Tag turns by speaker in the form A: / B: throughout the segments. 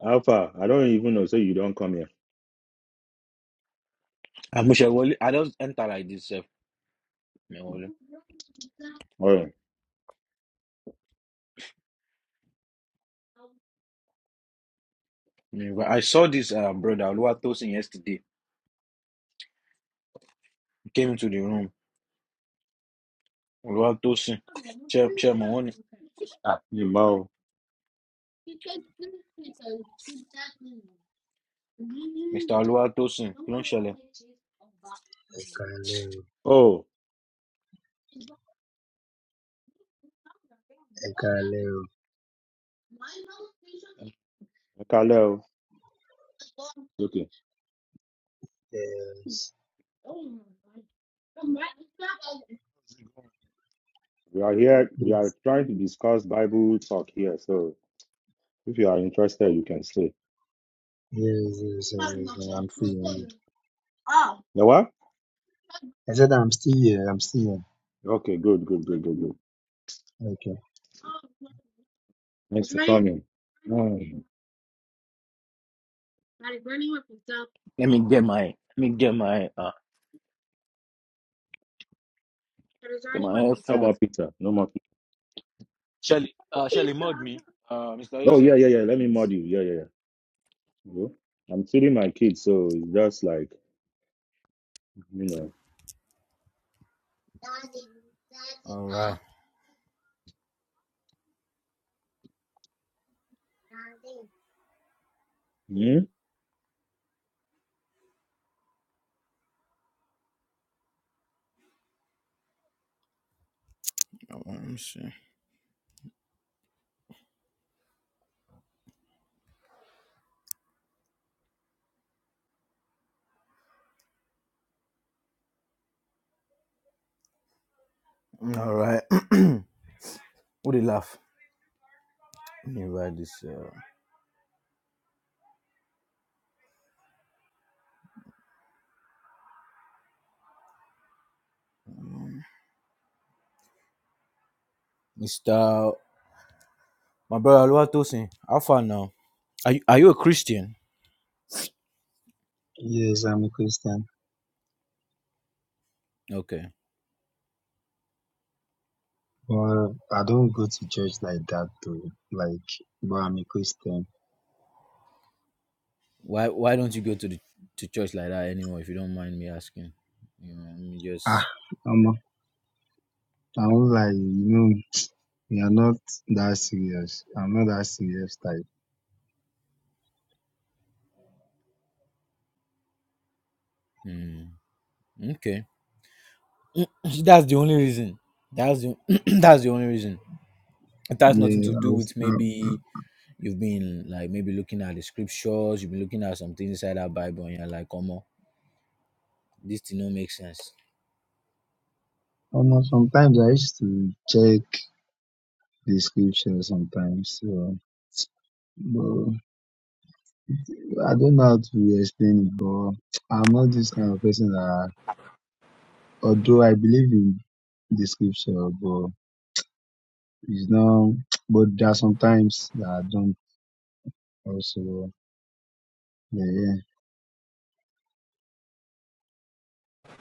A: Alpha, I don't even know. So you don't come here.
B: Amushewole, I just enter like this. Sef, Mewole.
A: All right.
B: Me- I saw this um, brother Oluwatosin yesterday. He came into the room. Oluwatosin, Chair- Chairman, one,
A: Ah, you mouth.
B: Mr. Oluwatosin, you don't shell it.
C: Ekalu,
A: Oh,
C: Ekalu,
A: Kalel. Okay.
C: yes.
A: We are here. We are
C: Yes,
A: trying to discuss Bible talk here. So if you are interested, you can stay.
C: yes, yes, yes, yes, I'm still here.
A: The what?
C: I said I'm still here, I'm still
A: Okay. Good. Good. Good. Good. Good.
C: here. Okay.
A: Thanks for coming. Mm.
B: Let me get my, let me get my, uh,
A: No
B: get my
A: more
B: headphones.
A: pizza. No more. Pizza.
B: Shelly, uh, Shelly, mod me, uh, Mr.
A: Oh
B: Yusuf.
A: yeah, yeah, yeah. Let me mod you. Yeah, yeah, yeah. You know, I'm feeding my kids, so it's just like you know.
B: All right.
A: Hmm?
B: Oh, Let me see. All right. Who they laugh? Let me write this. Uh, Mr. My brother Oluwatosin, how far now? Are you, are you a Christian?
C: Yes, I'm a Christian.
B: Okay.
C: But I don't go to church like that though. Like, but I'm a Christian.
B: Why why don't you go to the to church like that anymore? If you don't mind me asking, you know, let me
C: Ah,
B: just.
C: I'm a, I was like, you know, we are not that serious. I'm not that serious type.
B: Mm, okay, that's the only reason. That's the that's the only reason. It has nothing
C: Yeah,
B: to
C: I
B: do
C: was,
B: with
C: I, I,
B: maybe you've been like maybe looking at the scriptures, you've been looking at some things inside that Bible, and you're like, come on, this thing don't make sense.
C: almost sometimes I used to check the scripture sometimes, so. but I don't know how to explain it, but I'm not this kind of person that, although I believe in the scripture, but it's not, but there are sometimes that I don't also, yeah, yeah.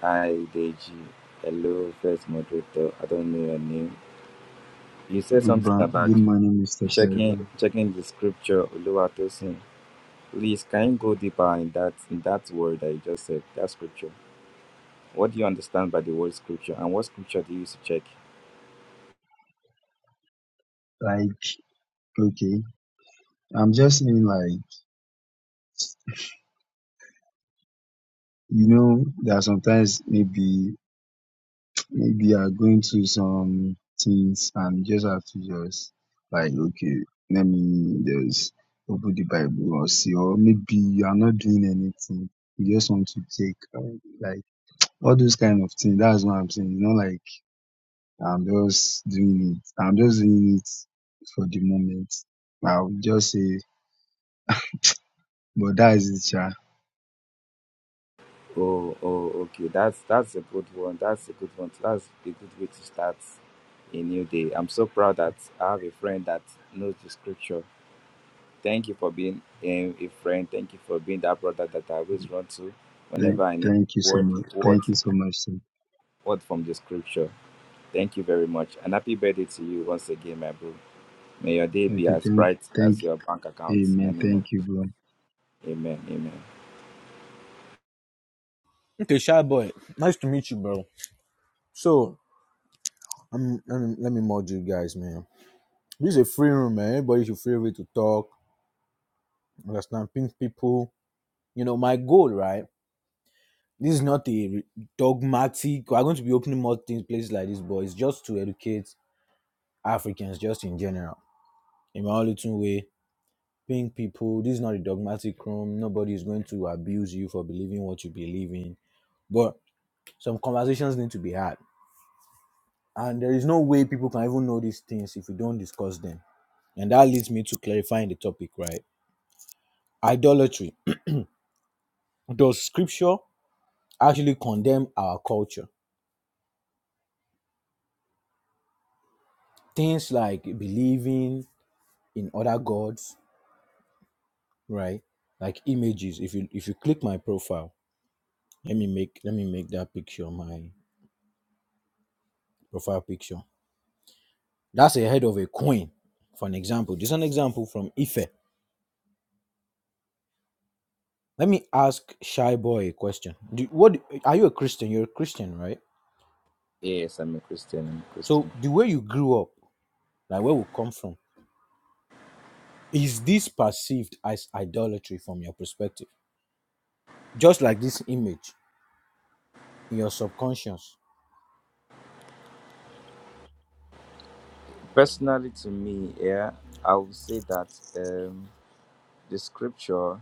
D: Hi, Deji. Hello, first moderator. I don't know your name. You said
C: Good,
D: something
C: ba-
D: about
C: good morning, Mr.
D: checking
C: Sheldon.
D: checking the scripture, Oluwatosin. Please, can you go deeper in that in that word that you just said, that scripture? What do you understand by the word scripture, and what scripture do you use to check?
C: Like, okay, I'm just saying, like, you know, there are sometimes maybe maybe you are going through some things and you just have to just like okay let me just open the bible or see or maybe you are not doing anything you just want to take uh, like all those kind of things that's what i'm saying you know like i'm just doing it i'm just doing it for the moment i'll just say but that is it yeah
D: Oh, oh, okay. That's that's a good one. That's a good one. That's a good way to start a new day. I'm so proud that I have a friend that knows the scripture Thank you for being a, a friend. Thank you for being that brother that I always run to
C: thank,
D: whenever I need
C: thank you so
D: word,
C: much
D: word,
C: thank you so much sir.
D: word from the scripture. Thank you very much. And happy birthday to you once again, my bro. May your day be
C: okay
D: as
C: thank
D: bright
C: thank
D: as your bank account. In the
C: amen
D: name of
C: thank you
D: Jesus.
C: bro
D: Amen. Amen.
B: Okay, shy boy, nice to meet you, bro. So, um, let me, let me mod you guys, man. This is a free room, man. Everybody should feel free to talk, understand, pink people. You know, my goal, right? this is not a dogmatic we're going to be opening more things places like this but it's just to educate africans just in general in my own little way being people this is not a dogmatic room nobody is going to abuse you for believing what you believe in but some conversations need to be had and there is no way people can even know these things if we don't discuss them and that leads me to clarifying the topic right idolatry does scripture actually condemn our culture things like believing in other gods right? Like images. If you if you click my profile, let me make let me make that picture my profile picture. That's a head of a queen, for an example. This is an example from Ife. Let me ask Shy Boy a question. Do, what are you a Christian? You're a Christian, right?
D: Yes, I'm a Christian. I'm a
B: So
D: Christian.
B: the way you grew up, like where we come from, is this perceived as idolatry from your perspective? Just like this image in your subconscious.
D: Personally, to me, yeah, I would say that um, the scripture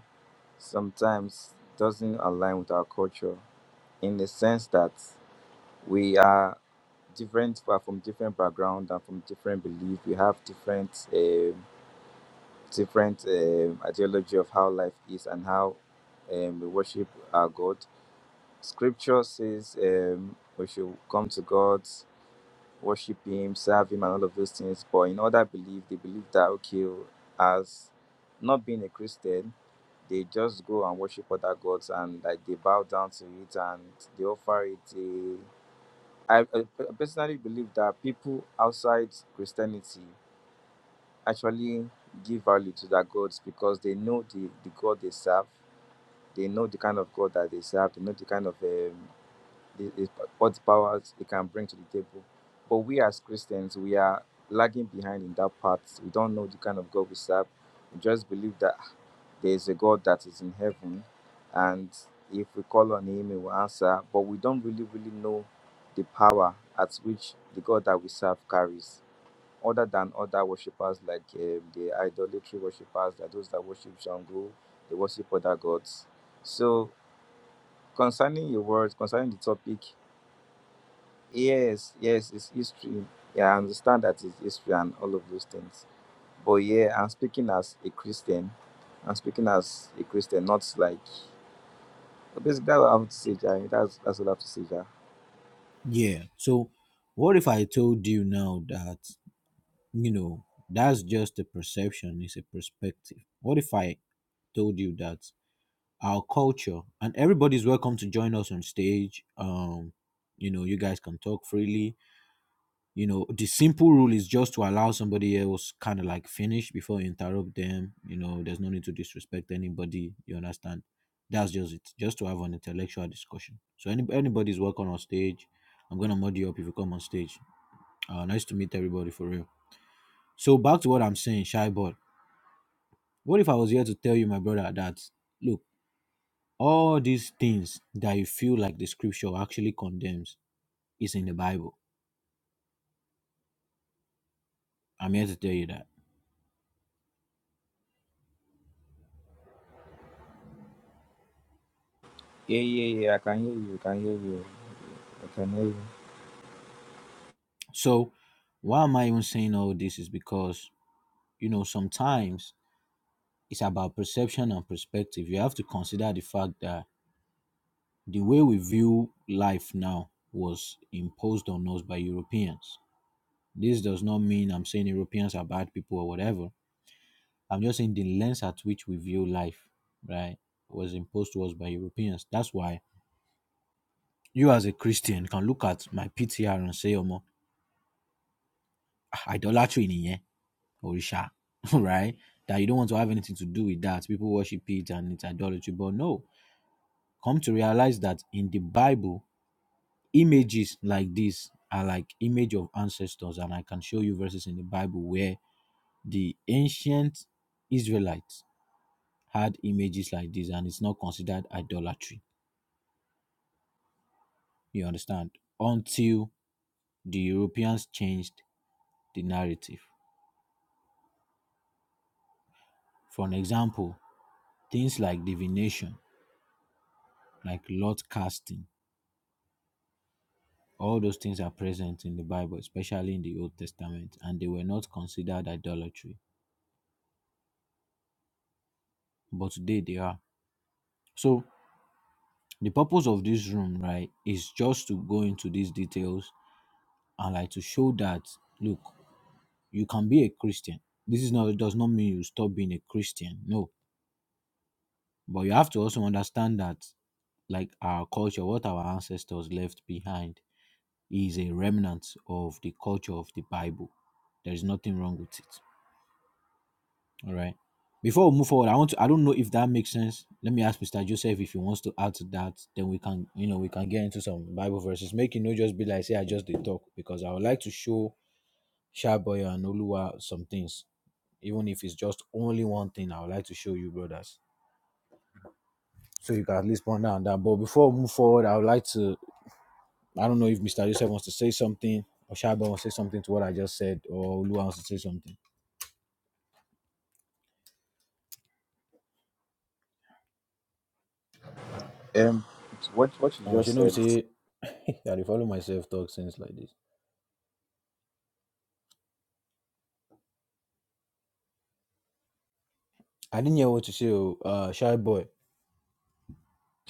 D: sometimes doesn't align with our culture in the sense that we are. different we are from different background and from different belief we have different um, different um, ideology of how life is and how um, we worship our god scripture says um, we should come to god worship him serve him and all of those things but in other belief they believe that okay as not being a christian they just go and worship other gods and like they bow down to it and they offer it They I, I personally believe that people outside Christianity actually give value to their gods because they know the, the God they serve, they know the kind of God that they serve, they know the kind of um, the, the, what powers they can bring to the table. But we as Christians, we are lagging behind in that part. We don't know the kind of God we serve. We just believe that there is a God that is in heaven, and if we call on Him, He will answer. But we don't really, really know the power at which the God that we serve carries, other than other worshippers like um, the idolatry worshippers, that those that worship Shango, they worship other gods. So concerning your words, concerning the topic, yes, yes, it's history. Yeah, I understand that it's history and all of those things. But yeah, I'm speaking as a Christian. I'm speaking as a Christian, not like Basically, that's what I have to say, Jai. That's that's what I have to say, Jai.
B: Yeah. So what if I told you now that you know, that's just a perception, it's a perspective. What if I told you that our culture and everybody's welcome to join us on stage? Um, you know, you guys can talk freely. You know, the simple rule is just to allow somebody else kind of like finish before you interrupt them. You know, there's no need to disrespect anybody. You understand? That's just it. Just to have an intellectual discussion. So any, anybody's welcome on stage. I'm gonna mod you up if you come on stage. Uh, nice to meet everybody for real. So back to what I'm saying, shy boy. What if I was here to tell you, my brother, that look, all these things that you feel like the scripture actually condemns is in the Bible? I'm here to tell you that.
D: Yeah, yeah, yeah. I can hear you. I can hear you. I can hear you.
B: So, why am I even saying all this? Is because, you know, sometimes it's about perception and perspective. You have to consider the fact that the way we view life now was imposed on us by Europeans. This does not mean I'm saying Europeans are bad people or whatever I'm just saying the lens at which we view life, right, was imposed to us by Europeans. That's why you, as a Christian, can look at my PTR and say, "Omo, ah, idolatry in here, Orisha," right? That you don't want to have anything to do with that. People worship it and it's idolatry. But no, come to realize that in the Bible, images like this are like image of ancestors, and I can show you verses in the Bible where the ancient Israelites had images like this, and it's not considered idolatry You understand? Until the Europeans changed the narrative. For an example, things like divination, like lot casting, all those things are present in the Bible, especially in the Old Testament, and they were not considered idolatry. But today they are. So the purpose of this room, right, is just to go into these details and like to show that look, you can be a Christian. This is not does not mean you stop being a Christian. No. But you have to also understand that like our culture, what our ancestors left behind is a remnant of the culture of the Bible. There is nothing wrong with it. All right. Before we move forward, I want to I don't know if that makes sense. Let me ask Mr. Joseph if he wants to add to that, then we can you know we can get into some Bible verses. Make it not just be like say I just did talk because I would like to show Shaboy and Oluwa some things. Even if it's just only one thing, I would like to show you brothers. So you can at least ponder on that. But before we move forward, I would like to I don't know if Mr. Joseph wants to say something or Shaba wants to say something to what I just said or Lua wants to say something.
D: Um, what what you
B: And what you
D: just
B: know,
D: said is
B: say, I dey follow myself talk sense like this. I didn't hear what you say, oh, uh, Shy Boy.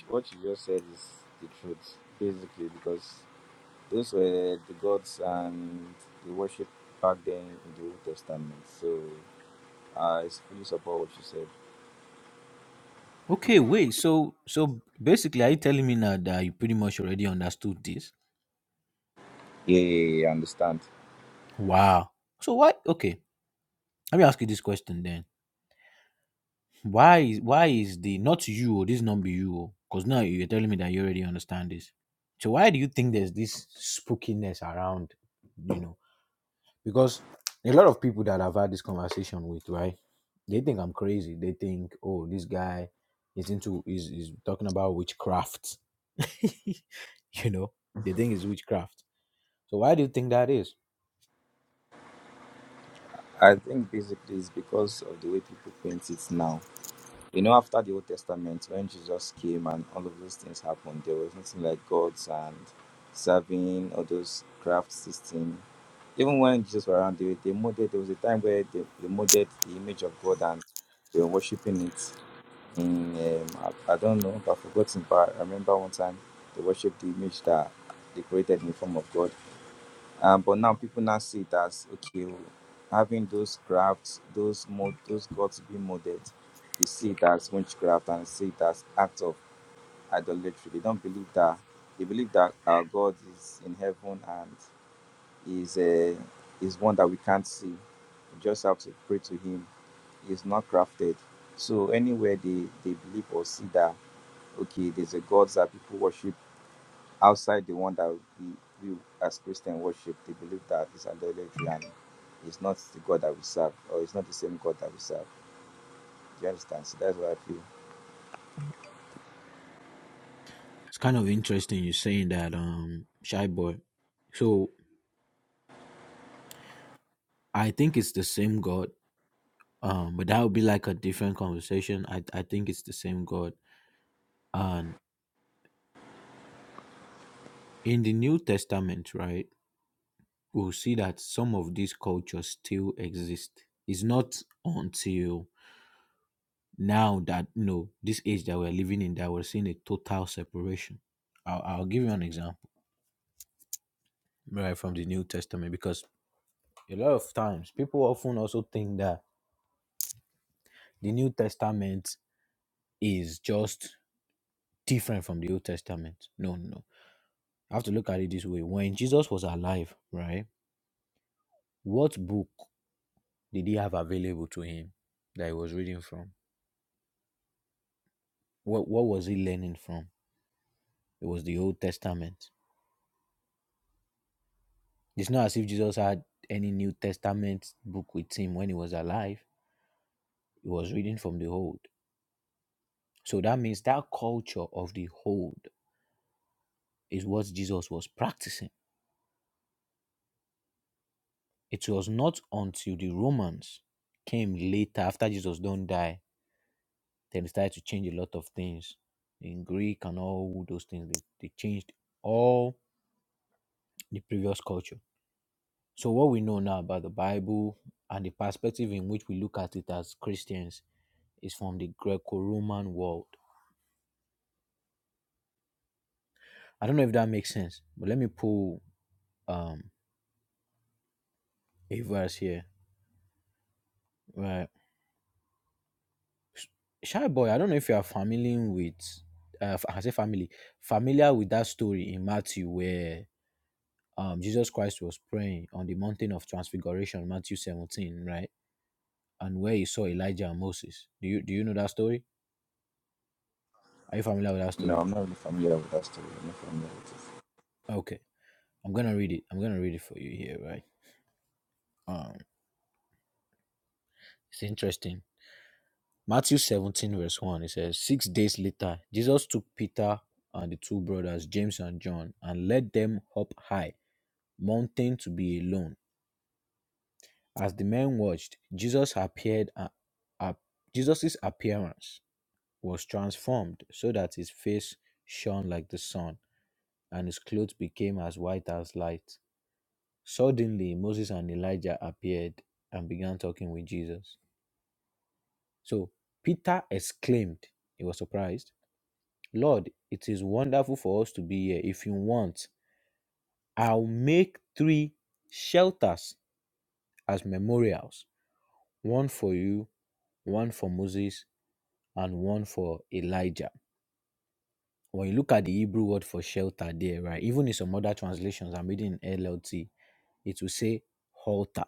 D: what you just said is the truth, basically, because those were the gods and the worship back then in the Old Testament. So I fully support what you said.
B: Okay, wait. So, so basically, are you telling me now that you pretty much already understood this?
D: Yeah, yeah, yeah. I understand.
B: Wow. So why? Okay, let me ask you this question then. Why is why is the not you? Oh, this not be you? Because now you're telling me that you already understand this. So why do you think there's this spookiness around? You know. because a lot of people that I've had this conversation with, right? They think I'm crazy. They think, oh, this guy is into is is talking about witchcraft. you know, they think it's witchcraft. So why do you think that is?
D: I think basically it's because of the way people paint it now You know, after the Old Testament, when Jesus came and all of those things happened, there was nothing like gods and serving all those craft system. Even when Jesus was around, they, they molded, there was a time where they, they molded the image of God and they were worshipping it. In, um, I, I don't know, I've forgotten, but I remember one time they worshipped the image that they created in the form of God. Uh, but now people now see it as okay, having those crafts, those mod, those gods being molded, they see it as witchcraft and see it as act of idolatry. They don't believe that. They believe that our God is in heaven and is a is one that we can't see. We just have to pray to Him. He's not crafted. So anywhere they they believe or see that okay, there's a God that people worship outside the one that we, we as Christian worship, they believe that it's idolatry and it's not the God that we serve, or it's not the same God that we serve. Do you understand? So that's why I feel.
B: It's kind of interesting you saying that, um, shy boy. So I think it's the same God. Um, but that would be like a different conversation. I I think it's the same God. And in the New Testament, right? we'll see that some of these cultures still exist. It's not until now that no, this age that we're living in that we're seeing a total separation. I'll, I'll give you an example right from the New Testament because a lot of times people often also think that the New Testament is just different from the Old Testament. No, no. no. I have to look at it this way. When Jesus was alive, right, what book did he have available to him that he was reading from? What what was he learning from? It was the Old Testament. It's not as if Jesus had any New Testament book with him when he was alive. He was reading from the Old. So that means that culture of the Old is what Jesus was practicing. It was not until the Romans came later after Jesus don't die, then they started to change a lot of things in Greek and all those things. They, they changed all the previous culture. So what we know now about the Bible and the perspective in which we look at it as Christians is from the Greco-Roman world. I don't know if that makes sense, but let me pull um a verse here. Right, shy boy. I don't know if you are familiar with, uh, I say family, familiar with that story in Matthew where um Jesus Christ was praying on the mountain of transfiguration, Matthew seventeen, right, and where he saw Elijah and Moses. Do you do you know that story? Are you familiar with that
D: No,
B: story?
D: I'm not really familiar with that story. I'm not familiar with it.
B: Okay, I'm gonna read it. I'm gonna read it for you here, right? Um, it's interesting. Matthew 17, verse 1, it says, Six days later, Jesus took Peter and the two brothers, James and John, and led them up high, mountain to be alone. As the men watched, Jesus appeared a- a- Jesus's appearance was transformed so that his face shone like the sun, and his clothes became as white as light. Suddenly Moses and Elijah appeared and began talking with Jesus. So Peter exclaimed, he was surprised. Lord, it is wonderful for us to be here. If you want, I'll make three shelters as memorials one for you, one for Moses, and one for Elijah. When you look at the Hebrew word for shelter there, right, even in some other translations, I'm reading in LLT, it will say halter.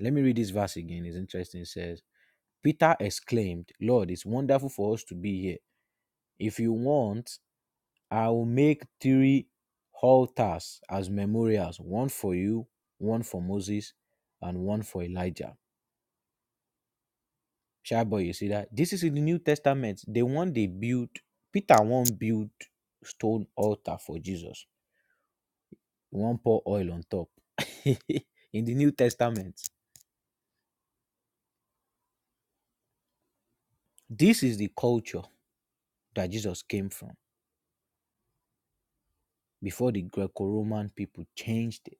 B: Let me read this verse again. It's interesting. It says, Peter exclaimed, Lord, it's wonderful for us to be here. If you want, I will make three altars as memorials one for you, one for Moses, and one for Elijah. Shy boy, you see that? This is in the New Testament. The one they built, Peter won't build stone altar for Jesus. He won't pour oil on top. in the New Testament, this is the culture that Jesus came from before the Greco Roman people changed it.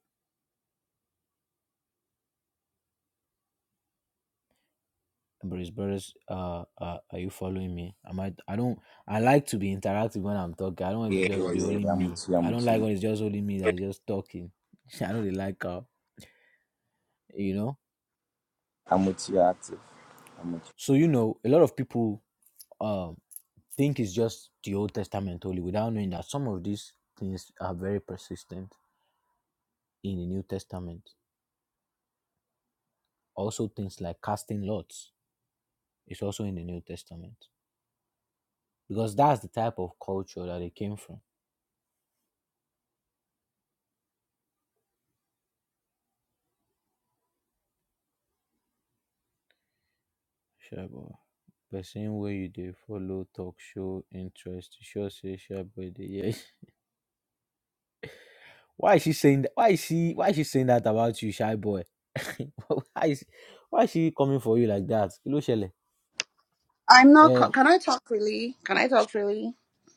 B: Bruce Brothers, uh, uh, are you following me? Am I? I don't. I like to be interactive when I'm talking. I don't want it to
D: Yeah,
B: just be
D: yeah, yeah.
B: only
D: yeah, I'm
B: me.
D: with you. I'm
B: I don't
D: with
B: like when it's
D: you.
B: just only me that's just talking. I don't really like uh, you know.
D: I'm with you active.
B: So you know, a lot of people um think it's just the Old Testament only, without knowing that some of these things are very persistent in the New Testament. Also, things like casting lots is also in the New Testament because that's the type of culture that it came from. Sure, but Person wey you dey follow talk show interest you sure say shy boy dey hear you. Why is she saying that? Why is she why is she saying that about you, shy boy? why is why is she coming for you like that? Kí ló ṣẹlẹ̀?
E: I'm not.
B: Eh,
E: co- Can I talk freely? Can I talk freely?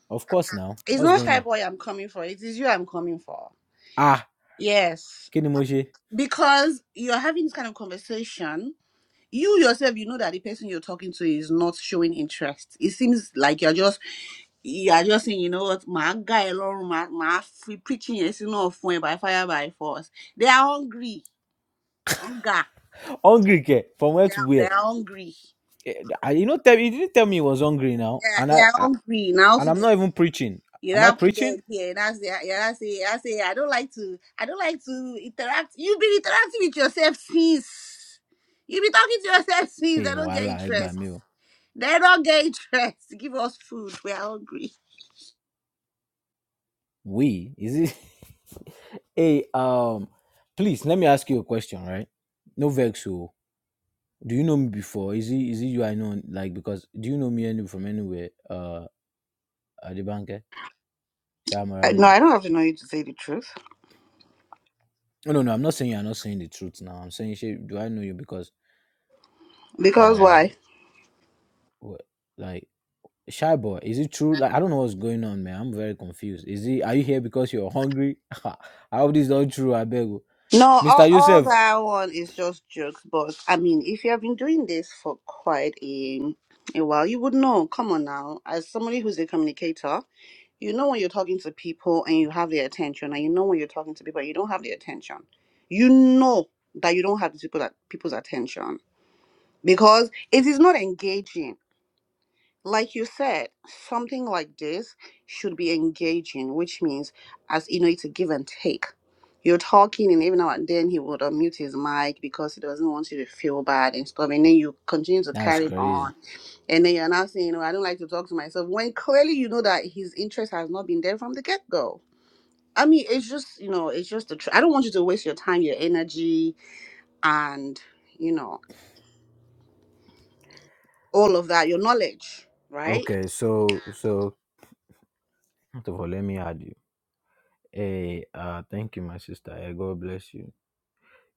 B: of course now.
E: It's
B: What's
E: not
B: going
E: shy
B: on?
E: boy I'm coming for. It is you I'm coming for.
B: Ah,
E: Yes,
B: kí ni mo ṣe?
E: because you're having this kind of conversation. You yourself, you know that the person you're talking to is not showing interest. It seems like you're just you're just saying, you know what, my guy alone, my my free preaching is not fun by fire by force. They are hungry, hunger.
B: Hungry ke? From where
E: They
B: to
E: are, they
B: where?
E: are hungry.
B: Eh, ah, You know, tell you didn't tell me he was hungry now,
E: Yeah,
B: and
E: they
B: I,
E: are
B: I
E: hungry now.
B: and I'm not even preaching.
E: You
B: Am I
E: don't put
B: preaching?
E: them here. And I say, you don't say, I say, I don't like to, I don't like to interact. You've been interacting with yourself since. You've been talking to yourself since.
B: Hey,
E: They don't get
B: wàhálà ẹ gbà
E: interest.
B: mí o.
E: They don't get interest. Give us food. We are hungry.
B: We is it? hey, um, please let me ask you a question, right? No vex. oh. Do you know me before? Is it is it you I know? Like because do you know me any from anywhere? Uh, at the bank?
E: I, no,
B: Shamararin.
E: I don't have to know you to say the truth.
B: No, no, no. I'm not saying you're not saying the truth now. I'm saying she, do I know you because
E: Because
B: uh,
E: why?
B: wh- like shy boy. Is it true? Like I don't know what's going on, man. I'm very confused. Is it? Are you here because you're hungry? I hope this is not true. I beg, you.
E: No,
B: Mister
E: all, all
B: Yusuf.
E: that one is just jokes. But I mean, if you have been doing this for quite a, a while, you would know. Come on now. As somebody who's a communicator, you know when you're talking to people and you have their attention and you know when you're talking to people and you don't have their attention you know that you don't have the people that people's attention because it is not engaging like you said something like this should be engaging which means as you know it's a give and take you're talking and every now and then he would unmute his mic because he doesn't want you to feel bad and stuff and then you continue to
B: That's
E: carry it
B: crazy.
E: on and then you're now saying you know i don't like to talk to myself when clearly you know that his interest has not been there from the get-go I mean, it's just you know, it's just a. Tr- I don't want you to waste your time, your energy, and you know, all of that, your knowledge, right?
B: Okay, so so So let me add you. Hey, uh, thank you, my sister. Eh, God bless you.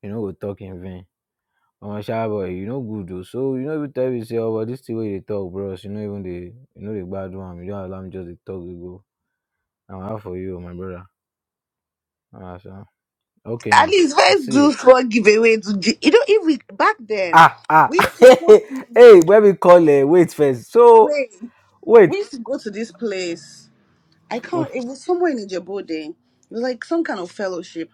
B: You know, we talk in vain. Omo sha boy, you know good though. So you know even tell you say, oh, but this thing where you dey talk, bros. You know even the you know the bad one. You don't allow me just to talk you go. I'm out for you, oh, my brother. Ah, sha. Okay
E: At
B: now.
E: least let's
B: Let's see.
E: do small giveaway to J- you know if we back then
B: Ah ah.
E: we used to go to
B: hey, when we call eh, wait first. So
E: wait we
B: wait.
E: used to go to this place. I can't it was somewhere in Ijebode. It was like some kind of fellowship.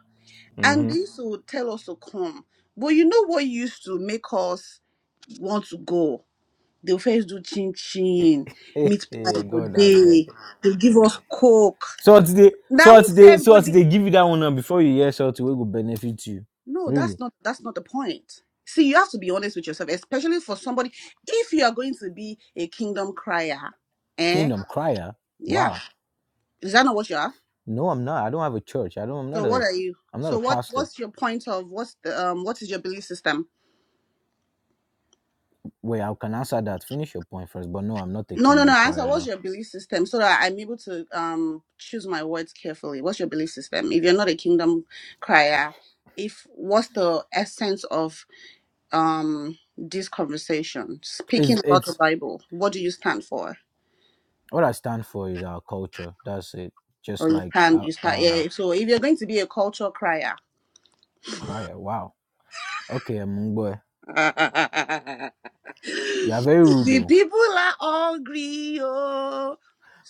E: And
B: Mm-hmm.
E: they used to tell us to come. But you know what used to make us want to go? They'll first do chin chin, meat pie go
B: God, abeg.
E: day. They'll give us coke.
B: Salt they
E: Now
B: salt
E: we
B: they
E: serve go
B: salt
E: day.
B: they give you that one now before you hear salt wey go benefit you.
E: No, that's
B: Really.
E: not that's not the point. See, you have to be honest with yourself, especially for somebody. If you are going to be a kingdom crier, eh?
B: Kingdom crier.
E: Yeah,
B: Wow.
E: is that not what you are?
B: No, I'm not. I don't have a church. I don't I'm
E: So
B: not
E: what
B: a
E: are you?
B: I'm not
E: So
B: a
E: what?
B: pastor.
E: What's your point of what's the um? What is your belief system?
B: Wait, I can answer that. Finish your point first. But no, I'm not a
E: No, no, no.
B: kingdom
E: Answer.
B: crier
E: What's
B: though.
E: your belief system so that I'm able to um choose my words carefully? What's your belief system? If you're not a kingdom crier, if what's the essence of um this conversation? Speaking
B: It's
E: about the
B: it's
E: Bible, what do you stand for?
B: what I stand for is our culture. That's it. Just
E: Or you
B: like
E: stand,
B: a
E: you
B: uh,
E: stand.
B: uh
E: Yeah. So if you're going to be a culture crier,
B: crier. Wow. Okay, boy.
E: the
B: You are very rude though.
E: people are hungry. Oh.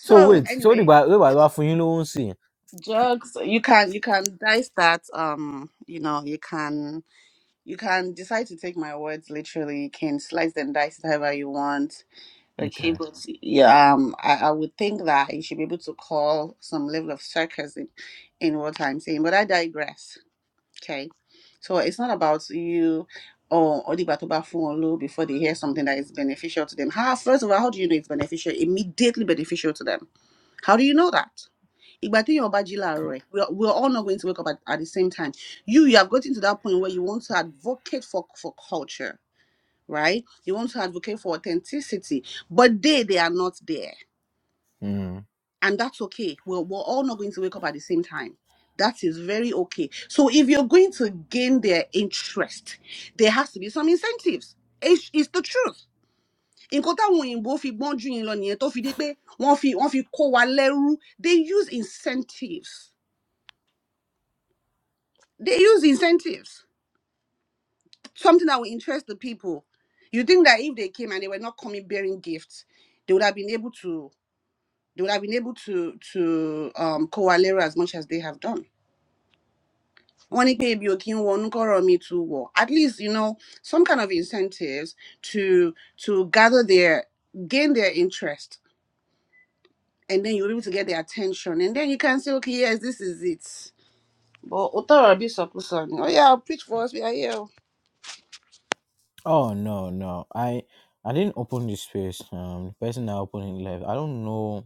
B: So wait, so the
E: anyway,
B: Bible for you know won't see.
E: jokes. You can you can dice that. Um, you know, you can You can decide to take my words literally. You can slice and dice it however you want. Okay,
B: Okay.
E: but yeah, um, I, I would think that you should be able to call some level of sarcasm in what I'm saying. But I digress. Okay, so it's not about you or Odibatoba Fuonlu before they hear something that is beneficial to them. How first of all, how do you know it's beneficial? Immediately beneficial to them. How do you know that? ìgbà téèyàn bá jí láàárọ̀ ẹ̀ we are we are all not going to wake up at, at the same time you you have gotten to that point where you want to advocate for for culture right you want to advocate for authenticity but they they are not there
B: Hmm.
E: and that's okay we're, we're all not going to wake up at the same time that is very okay so if you're going to gain their interest there has to be some incentives it's, it's the truth nǹkan táwọn òyìnbó fi gbọ́n jù yín lọ nìyẹn tó fi dé pé wọ́n fi wọ́n fi kó wa lẹ́rú they use incentives They use incentives, something that will interest the people. You think that if they came and they were not coming bearing gifts, they would have been able to they would have been able to to um coalera as much as they have done. Wọ́n ní pé ebi ò kí ń wọnú kọ́rọ̀ mi too wọ̀. At least, you know, some kind of incentives to to gather their gain their interest and then you'll be able to get their attention and then you can say, okay, yes, this is it. But Otara be Oh yeah, preach for us, we are here.
B: Oh no, no. I I didn't open this space. Um the person that opened it left. I don't know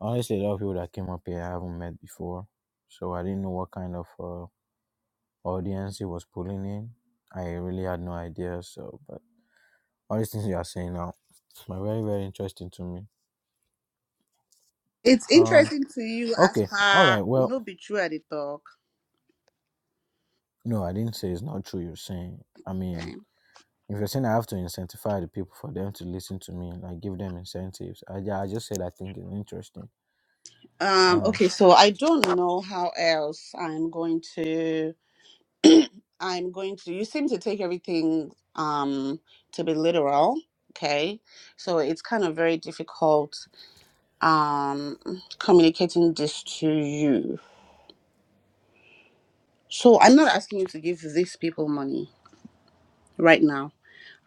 B: honestly a lot of people that came up here I haven't met before. So I didn't know what kind of uh, audience he was pulling in. I really had no idea. So but all these things you are saying now are very, very interesting to me.
E: It's
B: Um
E: interesting to you as
B: okay. All
E: her
B: right. Well
E: no be true at the talk.
B: no, I didn't say it's not true you're saying. I mean
E: Okay.
B: if you're saying I have to incentivize the people for them to listen to me, like give them incentives, I, ju- I just said I think it's interesting.
E: Um,
B: Um,
E: okay, so I don't know how else I'm going to I'm going to you seem to take everything um to be literal. Okay. So it's kind of very difficult um communicating this to you. So I'm not asking you to give these people money right now.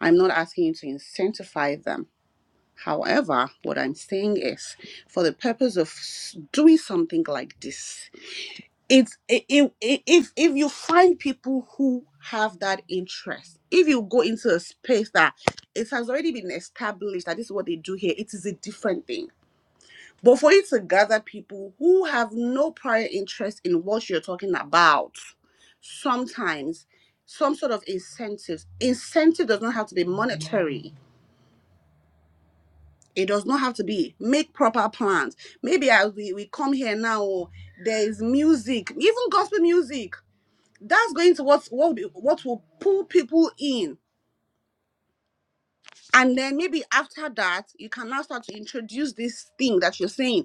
E: I'm not asking you to incentivize them. However, what I'm saying is, for the purpose of s- doing something like this, it's i- i- i- if if you find people who have that interest, if you go into a space that it has already been established that this is what they do here, it is a different thing. But for you to gather people who have no prior interest in what you're talking about, sometimes some sort of incentives. Incentive does not have to be monetary It does not have to be. Make proper plans. Maybe I, we, we come here now. oh, There is music, even gospel music. That's going to what what will be- what will pull people in. And then maybe after that, you can now start to introduce this thing that you're saying.